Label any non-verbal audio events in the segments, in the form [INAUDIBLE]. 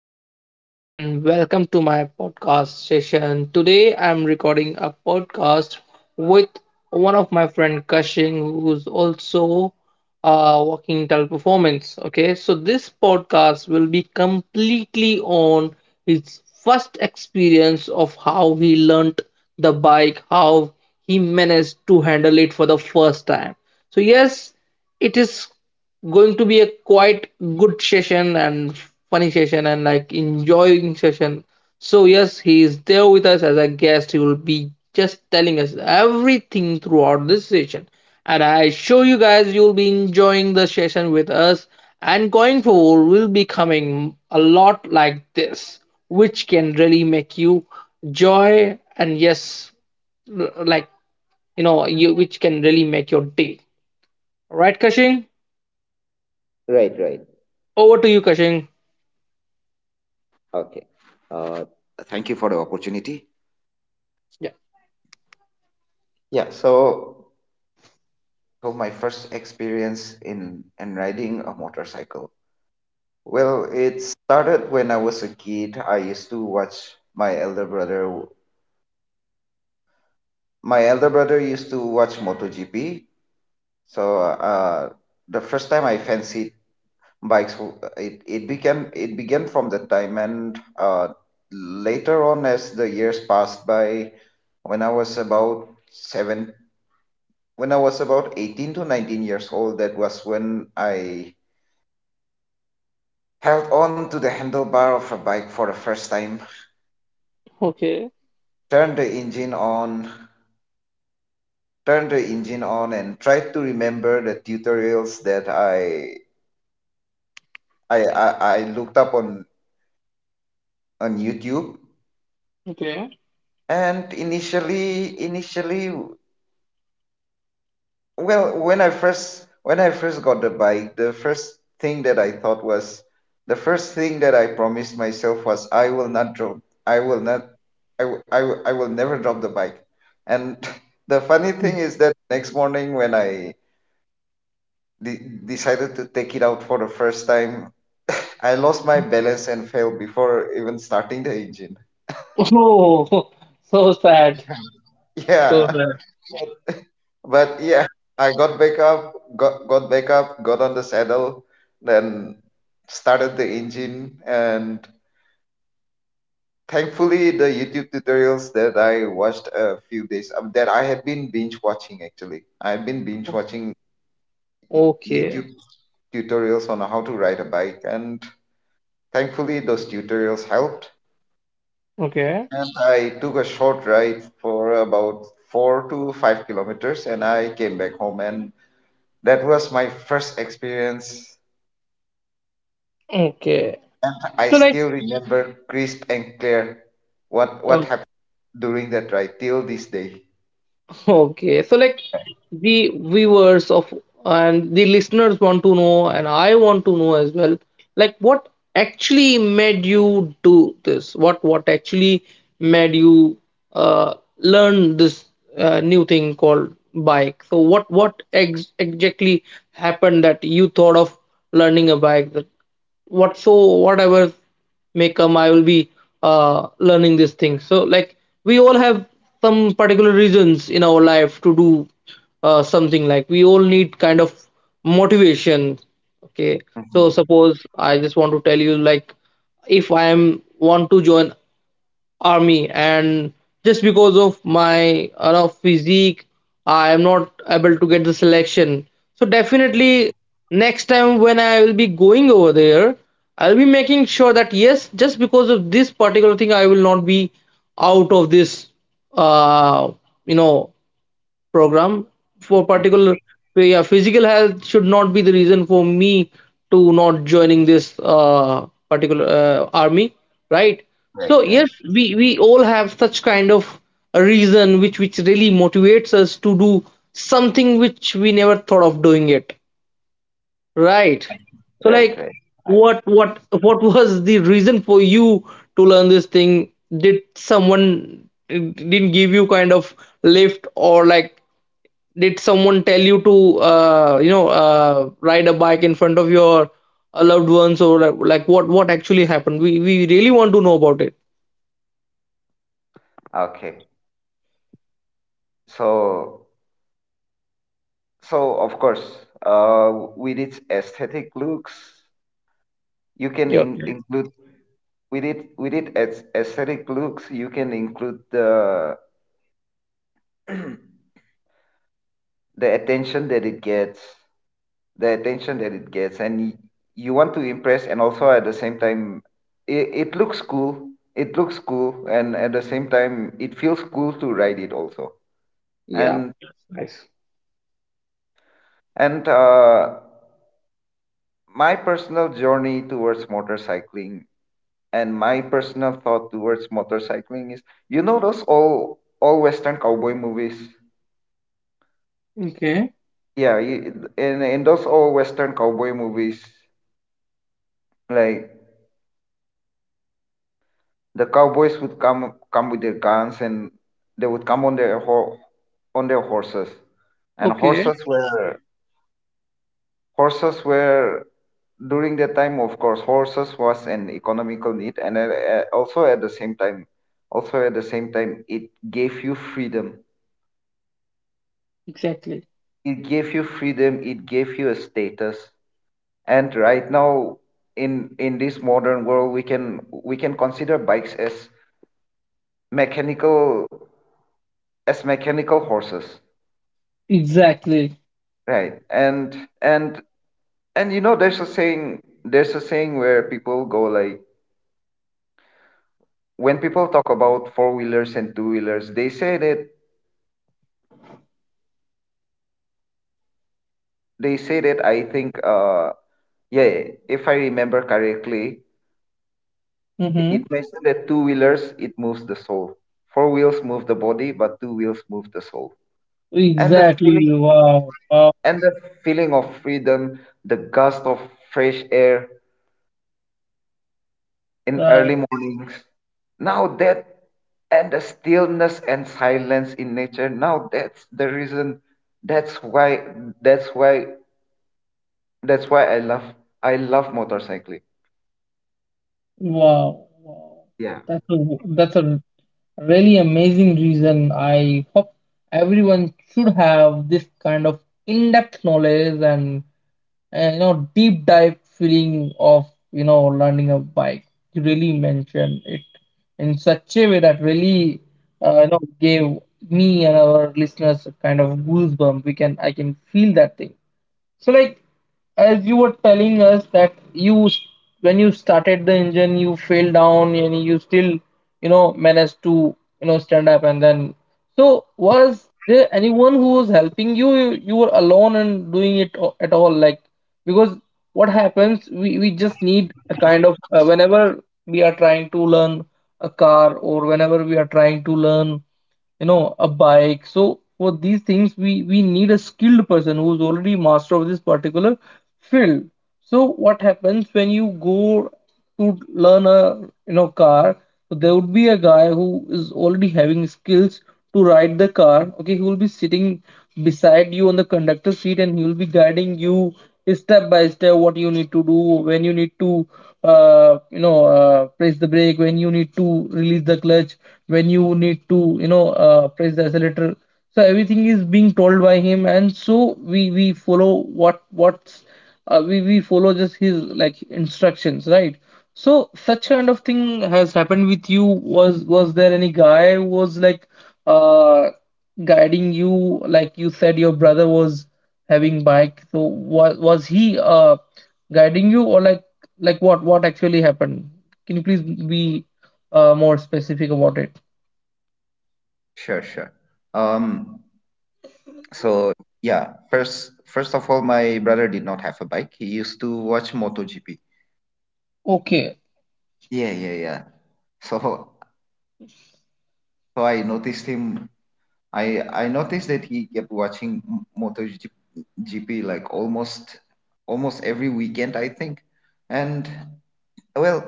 Is Shahid and welcome to my podcast session. Today I'm recording a podcast with one of my friend Kashin who's also working in teleperformance. Okay, so this podcast will be completely on his first experience of how he learnt the bike, how he managed to handle it for the first time. So yes, it is going to be a quite good session and funny session and like enjoying session. So yes, he is there with us as a guest. He will be just telling us everything throughout this session. And I assure you guys you will be enjoying the session with us and going forward will be coming a lot like this, which can really make you joy and yes like you know you which can really make your day. Alright Kashing? Right, right. Over to you Kashing. Okay. Uh, Thank you for the opportunity. Yeah, so my first experience in riding motorcycle. Well, it started when I was a kid. I used to watch my elder brother. My elder brother used to watch MotoGP. So uh, the first time I fancied bikes, w- it, it began from that time, and later on, as the years passed by, when I was about seven when I was about 18 to 19 years old. That was when I held on to the handlebar of a bike for the first time, Okay. turned the engine on, and tried to remember the tutorials that I, I, I looked on YouTube. Okay. And initially, well, when I first got the bike, thing that I thought was the first thing that I promised myself was I will not drop. I will not. I will never drop the bike. And [LAUGHS] the funny thing is that next morning when I decided to take it out for the first time, [LAUGHS] I lost my balance and fell before even starting the engine. Oh, [LAUGHS] so sad. [LAUGHS] So Yeah. sad. But yeah, I got back up, got back up, got on the saddle, then started the engine, and thankfully the YouTube tutorials that I watched a few days that I had been binge watching actually. I had been binge watching YouTube Okay. tutorials on how to ride a bike, and thankfully those tutorials helped. Okay. And I took a short ride for about 4 to 5 kilometers, and I came back home, and that was my first experience. Okay. I So like, still remember crisp and clear what uh, happened during that ride till this day. okay, so like the viewers of and the listeners want to know, and I want to know as well, like what actually made you do this? What actually made you learn this new thing called bike? So what ex exactly happened that you thought of learning a bike? That what so whatever may come. I will be learning this thing, so like we all have some particular reasons in our life to do something, like we all need kind of motivation, okay, so Mhm. suppose I just want to tell you, like, if I am want to join army and just because of my, you know, physique, I am not able to get the selection, so definitely next time when I will be going over there, I'll be making sure that yes, just because of this particular thing I will not be out of this uh you know program for Mhm. particular. So yeah, physical health should not be the reason for me to not joining this particular army, right? Right, So right, yes, we all have such kind of a reason which really motivates us to do something which we never thought of doing it. Right. So right, like right. I, what was the reason for you to learn this thing? Did someone didn't give you kind of lift, or like did someone tell you to you know ride a bike in front of your loved ones or like what actually happened? We really want to know about it. okay. So so of course, with its aesthetic looks, you can Yeah. Yeah. include with it as aesthetic looks, you can include the [CLEARS THROAT] the attention that it gets the attention that it gets, you want to impress, and also at the same time it looks cool, and at the same time it feels cool to ride it also. Yeah. and Nice. and uh, my personal journey towards motorcycling, and my personal thought towards motorcycling is, you know, those all western cowboy movies. Okay. Yeah, in those all western cowboy movies, like, the cowboys would come with their guns, and they would come on their on their horses. And Okay. Horses were during that time, of course, horses was an economical need, and also at the same time, it gave you freedom. Exactly. It gave you a status. And right now, in this modern world, we can consider bikes as mechanical, as mechanical horses. Exactly. Right. And and you know, there's a saying where people go like, when people talk about four wheelers and two wheelers, they say that, I think, yeah, if I remember correctly, it Mm-hmm. mentioned that two wheelers, it moves the soul. Four wheels move the body, but two wheels move the soul. And the Exactly. feeling, Wow. Wow. and the feeling of freedom, the gust of fresh air, in early Right. mornings. Now that, and the stillness and silence in nature. Now that's the reason. That's why. That's why. That's why I love. I love motorcycling. Wow, wow. Yeah. That's a, that's a really amazing reason. I hope everyone should have this kind of in-depth knowledge and you know deep dive feeling of you know learning a bike. You really mentioned it in such a way that really you know gave me and our listeners a kind of goosebump. We can I can feel that thing. So like, as you were telling us that when you started the engine you fell down and you still you know managed to you know stand up and then so was there anyone who was helping you, you were alone and doing it at all, like because what happens, we just need a kind of whenever we are trying to learn a car or whenever we are trying to learn you know a bike, so for these things we need a skilled person who's already master of this particular field. So what happens when you go to learn a you know car, so there would be a guy who is already having skills to ride the car. Okay, he will be sitting beside you on the conductor seat and he will be guiding you step by step what you need to do, when you need to, you know, press the brake, when you need to release the clutch, when you need to, you know, press the accelerator. So everything is being told by him, and so we follow what what's we follow just his like instructions, right? So such kind of thing has happened with you. Was there any guy who was like uh guiding you, like you said your brother was having bike, so was he guiding you, or like what actually happened? Can you please be more specific about it? Sure, sure. Um, so yeah, first of all, my brother did not have a bike. He used to watch MotoGP. Okay. Yeah, yeah, yeah. So so I noticed him. I noticed that he kept watching MotoGP like almost, almost every weekend, I think. And well,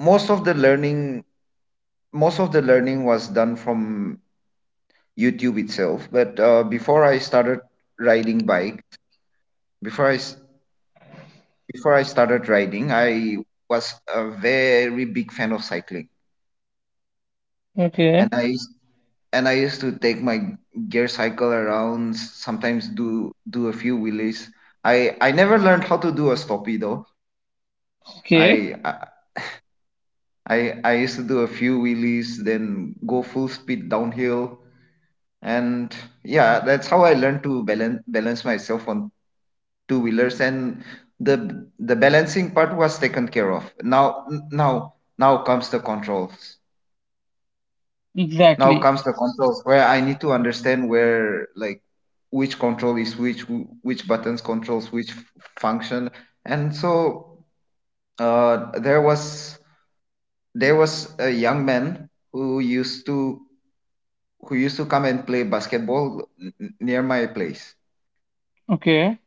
most of the learning most of the learning was done from YouTube itself. But before I started riding bike, before I s- before I started riding, I was a very big fan of cycling, and Okay. I used to take my gear cycle around. Sometimes do a few wheelies. I never learned how to do a stoppie though. I I Okay. I used to do a few wheelies, then go full speed downhill, and yeah, that's how I learned to balance myself on two wheelers. And the balancing part was taken care of. Now comes the controls. Exactly. Where I need to understand where, like, which control is which, which buttons controls which function. And so uh, there was there was a young man who used to, come and play basketball near my place, Okay.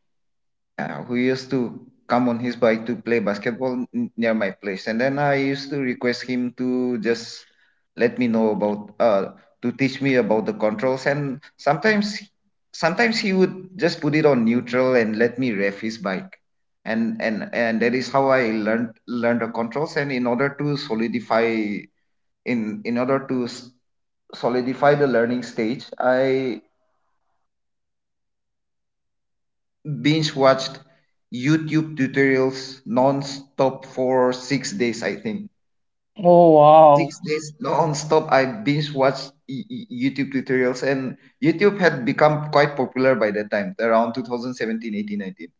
who used to come on his bike to play basketball near my place. And then I used to request him to just let me know about to teach me about the controls. And sometimes he would just put it on neutral and let me rev his bike. And that is how I learned the controls. And in order to solidify, in order to s- solidify the learning stage, I binge watched YouTube tutorials non-stop for 6 days, I think. Oh, Six wow. days non-stop, I binge watched YouTube tutorials, and YouTube had become quite popular by that time, around 2017, 18, 19,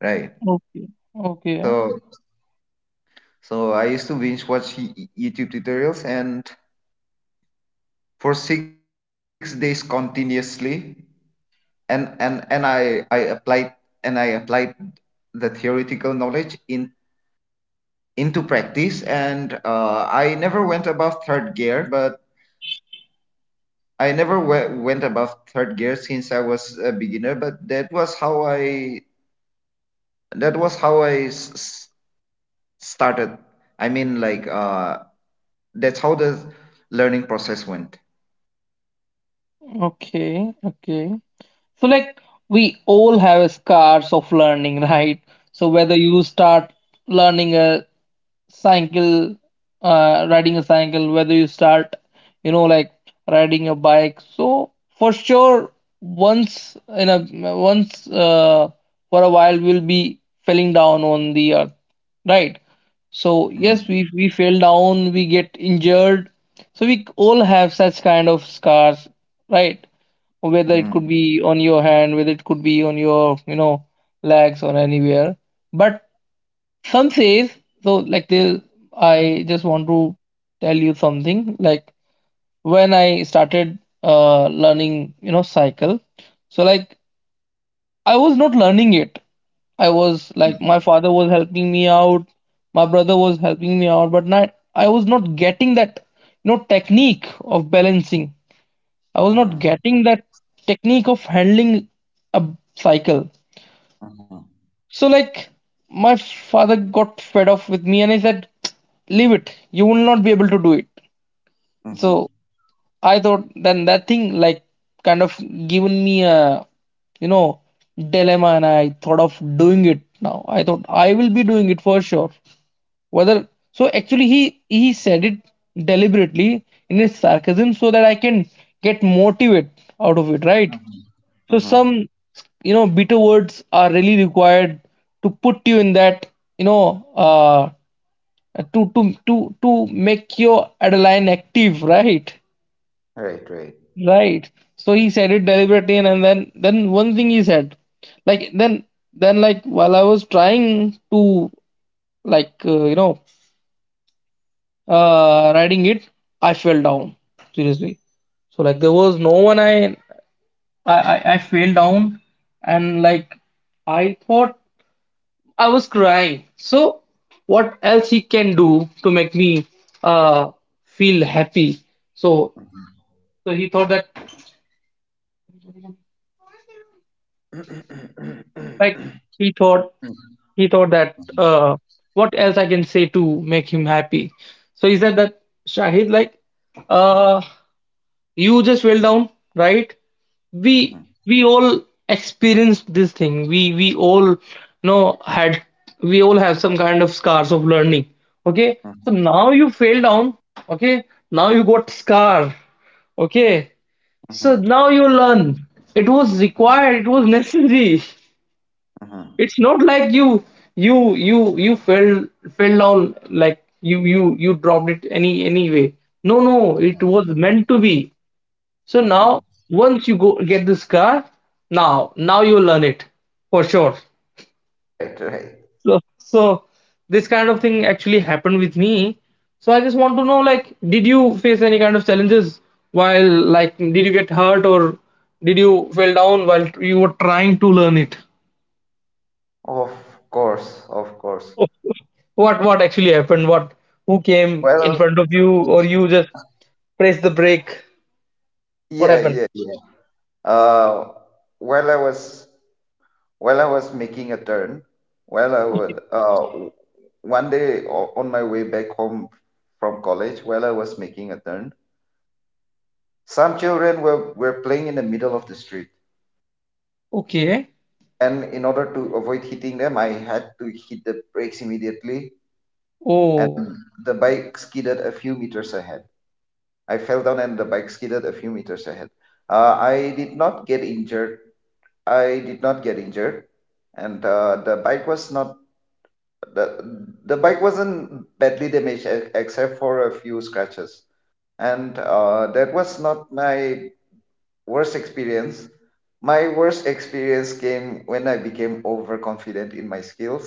right? Okay. Okay. So, so I used to binge watch YouTube tutorials, and for 6 days continuously, and I applied the theoretical knowledge in. Into practice. And I never went above third gear, but i never went above third gear since I was a beginner. But that was how i, that was how i s- s- started. i mean like uh, that's how the learning process went. Okay. Okay. So like, we all have scars of learning, [LAUGHS] right? So whether you start learning a cycle, riding a cycle, whether you start you know like riding a bike, so for sure, once in a once for a while we'll be falling down on the earth, right? So Mhm, yes, we fell down, we get injured, so we all have such kind of scars, right? Whether it mhm, could be on your hand, whether it could be on your you know legs or anywhere, but some says, so like they, I just want to tell you something like, when I started learning you know cycle, so like I was not learning it, I was like mhm, my father was helping me out, my brother was helping me out, but not, I was not getting that you know technique of balancing, I was not mhm, getting that technique of handling a cycle. mhm, So, like, my father got fed off with me and he said, leave it. You will not be able to do it. mhm. So, I thought then that thing, like, kind of given me a, you know, dilemma, and I thought of doing it now. I thought I will be doing it for sure. Whether, so actually, he said it deliberately in his sarcasm so that I can get motivate out of it, right? Mhm. So Mhm. some you know bitter words are really required to put you in that you know to make your adrenaline active, right? Right, right. Right. So he said it deliberately, and, and then one thing he said, like then like while I was trying to like you know riding it, I fell down seriously. So like, there was no one, I fell down, and like, I thought I was crying. So, what else he can do to make me uh, feel happy? So, so he thought that [CLEARS THROAT] Mhm, like he thought he thought that what else I can say to make him happy? So he said that Shahid, like uh, you just fell down, right? mhm, We we all experienced this thing. We all know had we all have some kind of scars of learning. Okay, so mhm, now you fell down. Okay, now you got scar. Okay, mhm. so now you learn. It was required. It was [LAUGHS] necessary. Mm-hmm. It's not like you fell down, like you dropped it anyway. No, no, it was meant to be. So Mm-hmm. now, once you go get this car, now you learn it for sure. Right, right. So this kind of thing actually happened with me. So I just want to know, like, did you face any kind of challenges while, like, did you get hurt or did you fell down while you were trying to learn it? Of course, of course. What actually happened? What who came in Well, front of you or you just pressed the brake? What yeah, happened? yeah, yeah. Uh, while I was, making a turn, while I would one day on my way back home from college, while I was making a turn, some children were playing in the middle of the street, Okay. and in order to avoid hitting them, I had to hit the brakes immediately, and Oh. the bike skidded a few meters ahead. I fell down and the bike skidded a few meters ahead. I did not get injured. I did not get injured, and the bike was not, the the bike wasn't badly damaged except for a few scratches. And that was not my worst experience. My worst experience came when I became overconfident in my skills.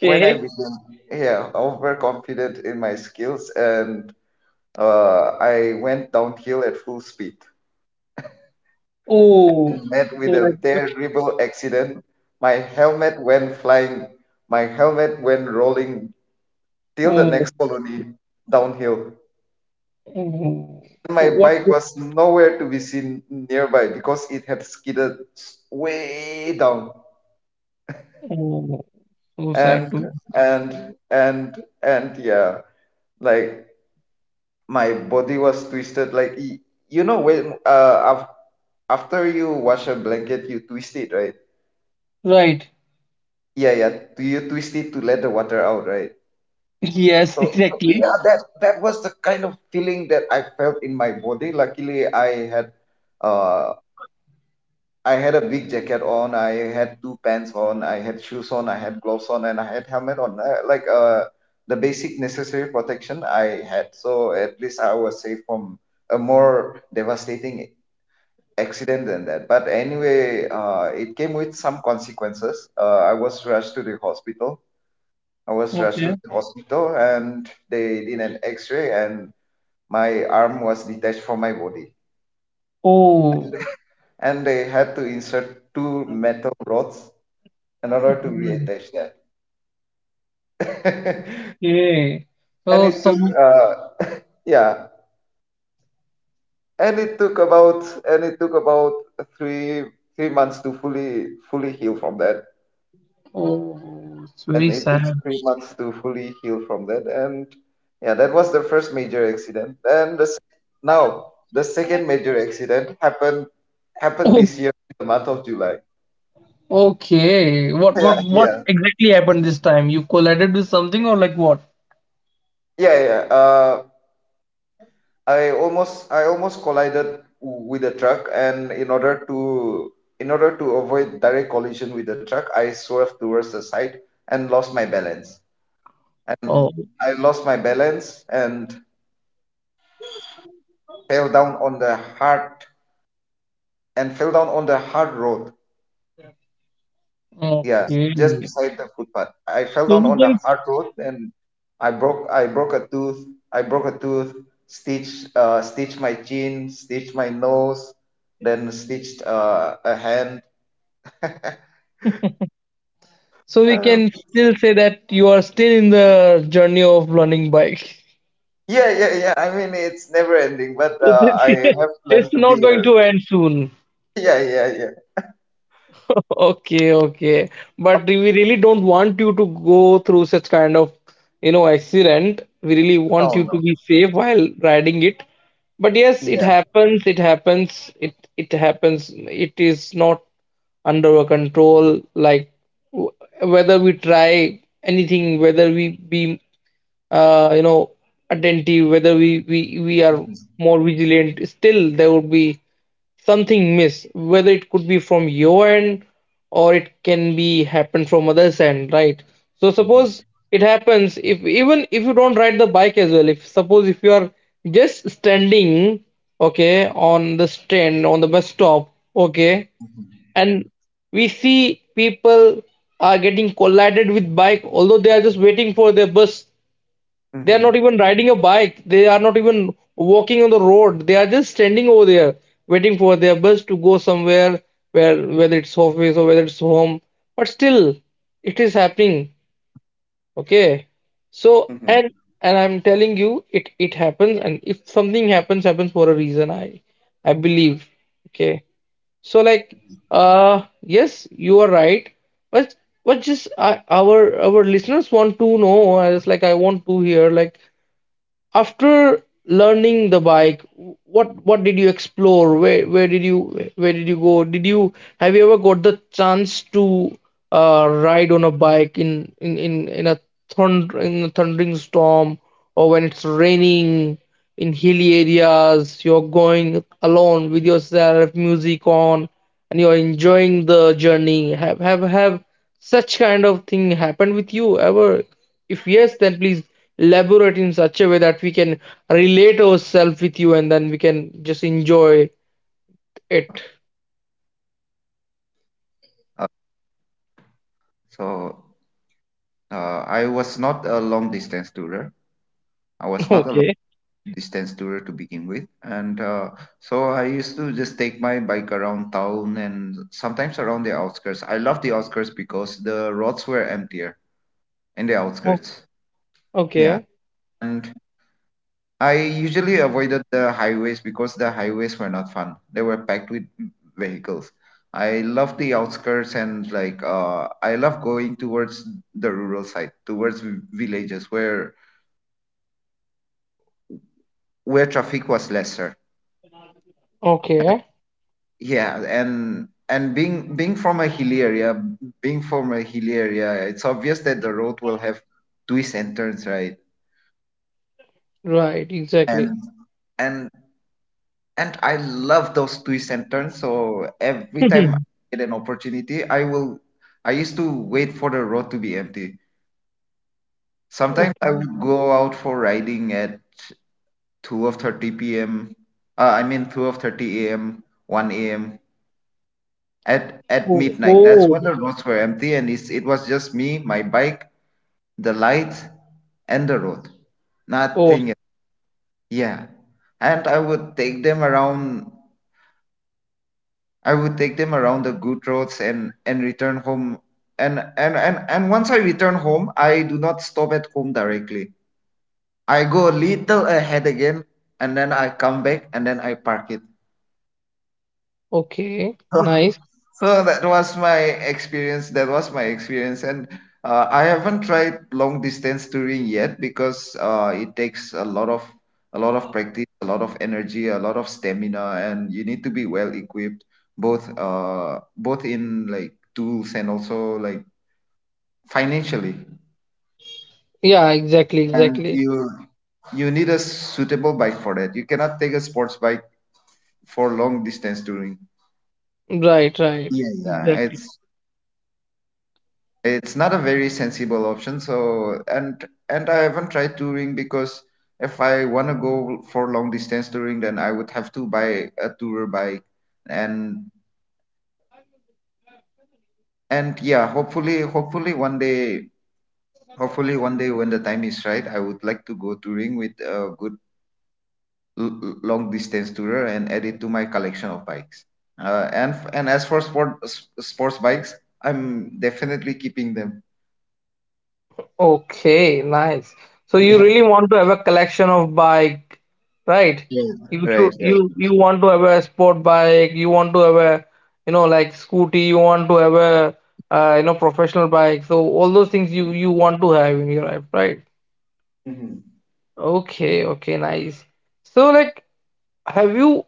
When I became Yeah, overconfident in my skills, and I went downhill at full speed. Oh. Met So with like, a terrible accident. My helmet went flying. My helmet went rolling till the oh, next colony downhill. oh, so My what? bike was nowhere to be seen nearby because it had skidded way down. Oh, so sad And to. and and and yeah, like, my body was twisted. You know, when after you wash a blanket, you twist it, right? Right. Yeah, yeah. Do you twist it to let the water out, right? [LAUGHS] Yes, So exactly. yeah, that was the kind of feeling that I felt in my body. Luckily, uh, I had a big jacket on. I had 2 pants on. I had shoes on. I had gloves on, and I had helmet on. The basic necessary protection I had. So at least I was safe from a more devastating accident than that. But anyway, it came with some consequences. I was rushed to the hospital. Okay. And they did an X-ray, and my arm was detached from my body, Oh, and they had to insert two metal rods in order to reattach that. [LAUGHS] okay. and So it took, some. uh, yeah, and it took about three three months to fully heal from that, Oh, it's and very it took sad. 3 months to fully heal from that, and yeah, that was the first major accident. Now the second major accident happened Oh, this year, in the month of July. [LAUGHS] okay. What? Yeah, What? What yeah, exactly happened this time? You collided with something or like what? yeah, yeah. I almost collided with a truck, and in order to, avoid direct collision with the truck, I swerved towards the side and lost my balance. And Oh, I lost my balance and fell down on the hard and fell down on the hard road. Yeah, okay. just beside the footpath. I fell So down we on the can. hard road, and I broke a tooth. I broke a tooth. Stitched, stitched my chin, stitched my nose, then stitched a hand. So we Uh, can still say that you are still in the journey of learning bike. [LAUGHS] yeah, yeah, yeah. I mean, it's never ending, but So uh, this I [LAUGHS] have learned it's to not be. going to end soon. [LAUGHS] Yeah, yeah, yeah. [LAUGHS] Okay, okay. But we really don't want you to go through such kind of, you know, accident. We really want No, you to no. be safe while riding it. But yes, it Yeah. happens, it happens, it happens. It is not under our control, like w- whether we try anything, whether we be you know attentive, whether we we are Mhm, more vigilant, still there would be something miss, whether it could be from your end or it can be happen from others end, right? So mhm, suppose it happens, if even if you don't ride the bike as well, if suppose if you are just standing, okay, on the stand on the bus stop, okay, mhm, and we see people are getting collided with bike although they are just waiting for their bus, they are mhm, not even riding a bike. They are not even walking on the road. They are just standing over there waiting for their bus to go somewhere where, whether it's office or whether it's home. But still, it is happening. Okay. So mhm. And I'm telling you, it happens. And if something happens, happens for a reason. I believe. Okay. So like yes, you are right. But our listeners want to know. I want to hear like after learning the bike, what did you explore? Where did you go? Did you Have you ever got the chance to ride on a bike in a thundering storm or when it's raining in hilly areas? You're going alone with yourself, music on, and you're enjoying the journey. Have such kind of thing happened with you ever, if yes, then please elaborate in such a way that we can relate ourselves with you and then we can just enjoy it. So I was not a long distance tourer. I was [LAUGHS] not a Okay. distance tourer to begin with. And so I used to just take my bike around town and sometimes around the outskirts. I love the outskirts because the roads were emptier in the O- outskirts. Yeah. Okay. And I usually avoided the highways because the highways were not fun. They were packed with vehicles. I love the outskirts and I love going towards the rural side, towards villages where traffic was lesser. Okay. Yeah. And being from a hill area, it's obvious that the road will have twists and turns, right? Right, exactly. And and I love those twists and turns. So every time I [LAUGHS] get an opportunity, I will— I used to wait for the road to be empty. Sometimes I Okay. would go out for riding at 2 of 30 p.m., I mean 2 of 30 a.m., 1 a.m., at Oh, midnight. That's oh, when the roads were empty, and it was just me, my bike, the lights, and the road, oh, nothing else. Yeah. And I would take them around the good roads and return home. And once I return home, I do not stop at home directly. I go a little ahead again, and then I come back, and then I park it. okay. Nice. [LAUGHS] So that was my experience. That was my experience. And I haven't tried long distance touring yet because it takes a lot of practice, a lot of energy, a lot of stamina, and you need to be well equipped, both in like tools and also like financially. Yeah, exactly, And exactly. You need a suitable bike for that. You cannot take a sports bike for long distance touring. Right, right. Yeah, yeah, Exactly. It's not a very sensible option. So and I haven't tried touring because if I want to go for long distance touring, then I would have to buy a tour bike. and and yeah, hopefully one day when the time is right, I would like to go touring with a good long distance tourer and add it to my collection of bikes. And as for sports bikes, I'm definitely keeping them. Okay, nice. So [LAUGHS] you Yeah. really want to have a collection of bike, right? Yeah. You should Right, right. you you want to have a sport bike, you want to have a, you know, like scooty, you want to have a, you know, professional bike. So all those things you you want to have in your life, right? Mhm. Okay, okay, nice. So like have you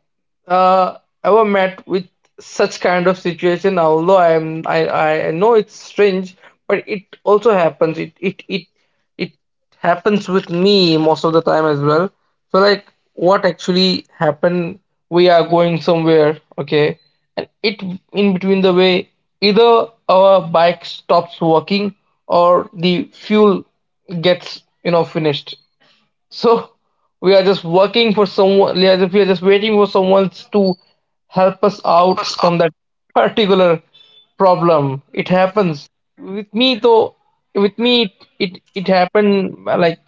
uh, ever met with such kind of situation? Although I am, I know it's strange, but it also happens. It happens with me most of the time as well. So like, what actually happened? We are going somewhere, okay, and it in between the way, either our bike stops working or the fuel gets, you know, finished. So we are just working for someone, we are just waiting for someone to help us out from that particular problem. It happens with me though. With me, it happened like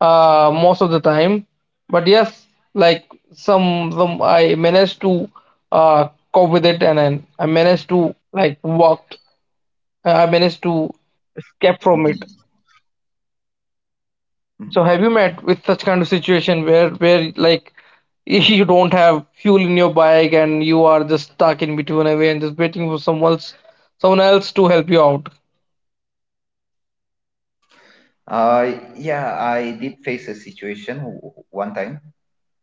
most of the time. But yes, like some I managed to cope with it, and then I managed to like walked. I managed to Me. escape from it. Hmm. So have you met with such kind of situation where like [LAUGHS] if you don't have fuel in your bike and you are just stuck in between a way and just waiting for someone else to help you out? Yeah, I did face a situation one time.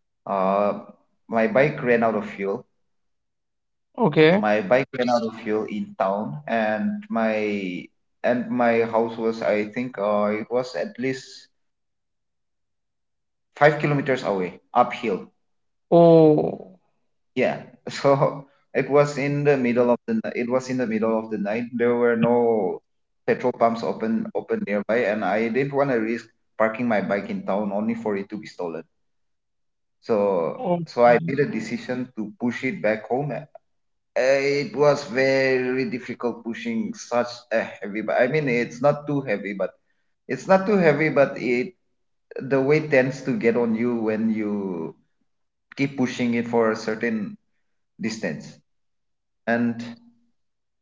Uh, my bike ran out of fuel. Okay. In town, and my house was, I think, it was at least 5 kilometers away uphill. Oh. Yeah. [LAUGHS] So it was in the middle of the night. There were no petrol pumps open nearby, and I didn't want to risk parking my bike in town only for it to be stolen. So, I Okay. made a decision to push it back home. It was very difficult pushing such a heavy— but I mean, it's not too heavy, but it the weight tends to get on you when you keep pushing it for a certain distance. And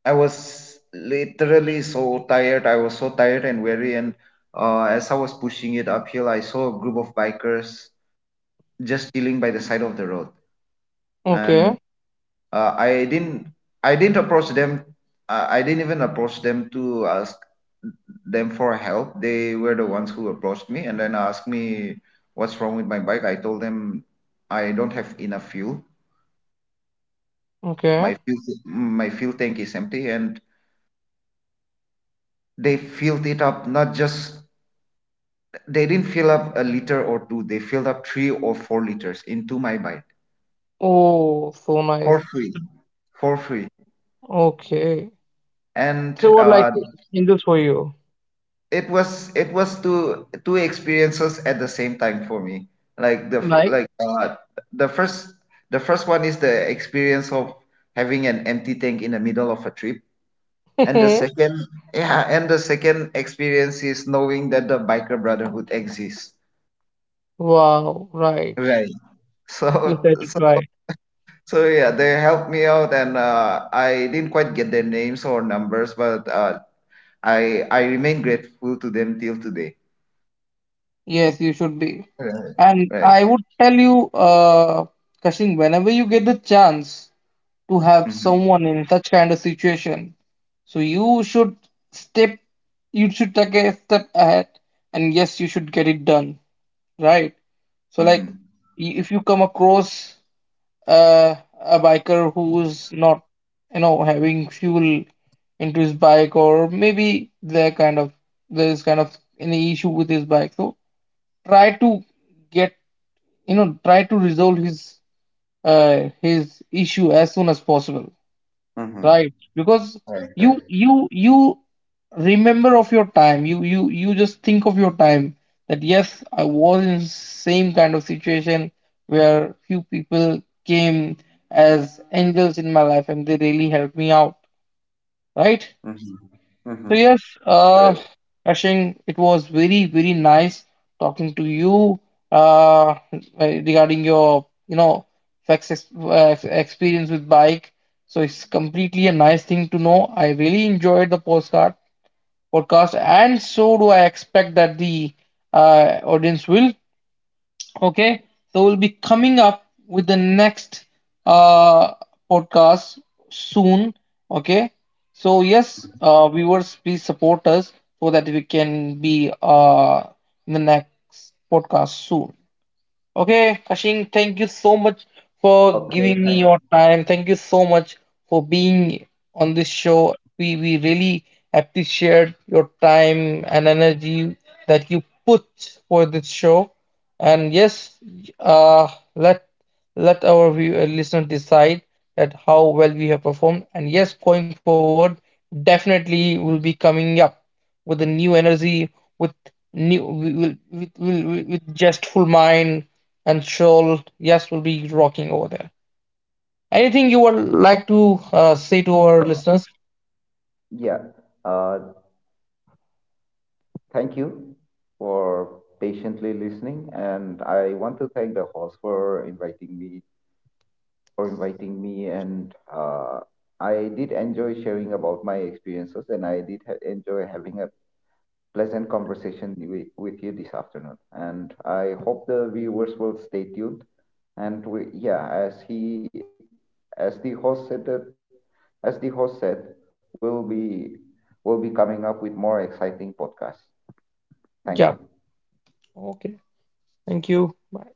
I was literally so tired. And weary. And as I was pushing it uphill, I saw a group of bikers just chilling by the side of the road. And Okay. uh, I didn't I didn't approach them. To ask them for help. They were the ones who approached me and then asked me what's wrong with my bike. I told them I don't have enough fuel. Okay. My fuel my fuel tank is empty, and they filled it up. Not just— they didn't fill up a liter or two. They filled up 3 or 4 liters into my bike Oh, so for nice. free. for free Okay. and They were like angels for you. It was two experiences at the same time for me. Like the f- Like, like the first the first one is the experience of having an empty tank in the middle of a trip. [LAUGHS] And the second experience is knowing that the biker brotherhood exists, wow, right. right? [LAUGHS] You so said it so right. so yeah, they helped me out. And I didn't quite get their names or numbers, but I remain grateful to them till today. Yes, you should be. Right, And right. I would tell you, Kashin, whenever you get the chance to have Hmm. someone in such kind of situation, so you should step, you should take a step ahead, and yes, you should get it done. Right. So, like, Hmm. If you come across a biker who's not, you know, having fuel into his bike, or maybe there's kind of any issue with his bike, so try to get, you know, try to resolve his issue as soon as possible. Mm-hmm. Right, because Right, right. you remember of your time. You just think of your time that yes, I was in same kind of situation where few people came as angels in my life and they really helped me out, right? Mm-hmm. Mm-hmm. So yes, uh, Correct. Ashing, it was very very nice talking to you uh, regarding your, you know, experience with bike. So it's completely a nice thing to know. I really enjoyed the postcard podcast, and so do I expect that the audience will. Okay, so we'll be coming up with the next uh, podcast soon. Okay, so yes, viewers, please support us so that we can be in the next podcast soon. Okay, Kashing, thank you so much for Okay, giving me thank you your time. Thank you so much for being on this show. We really appreciate your time and energy that you put for this show. And yes, uh, let let our listener decide that how well we have performed. And yes, going forward, definitely will be coming up with a new energy, with new, with zestful mind and Shoal, yes, will be rocking over there. Anything you would like to say to our so much. listeners? Yeah, uh, thank you for patiently listening, and I want to thank the host for inviting me. And I did enjoy sharing about my experiences, and I did enjoy having a pleasant conversation with you this afternoon. And I hope the viewers will stay tuned. And we, yeah, as he, as the host said, as the host said, we'll be, we'll be coming up with more exciting podcasts. Thank Yeah. you. Okay. Thank you. Bye.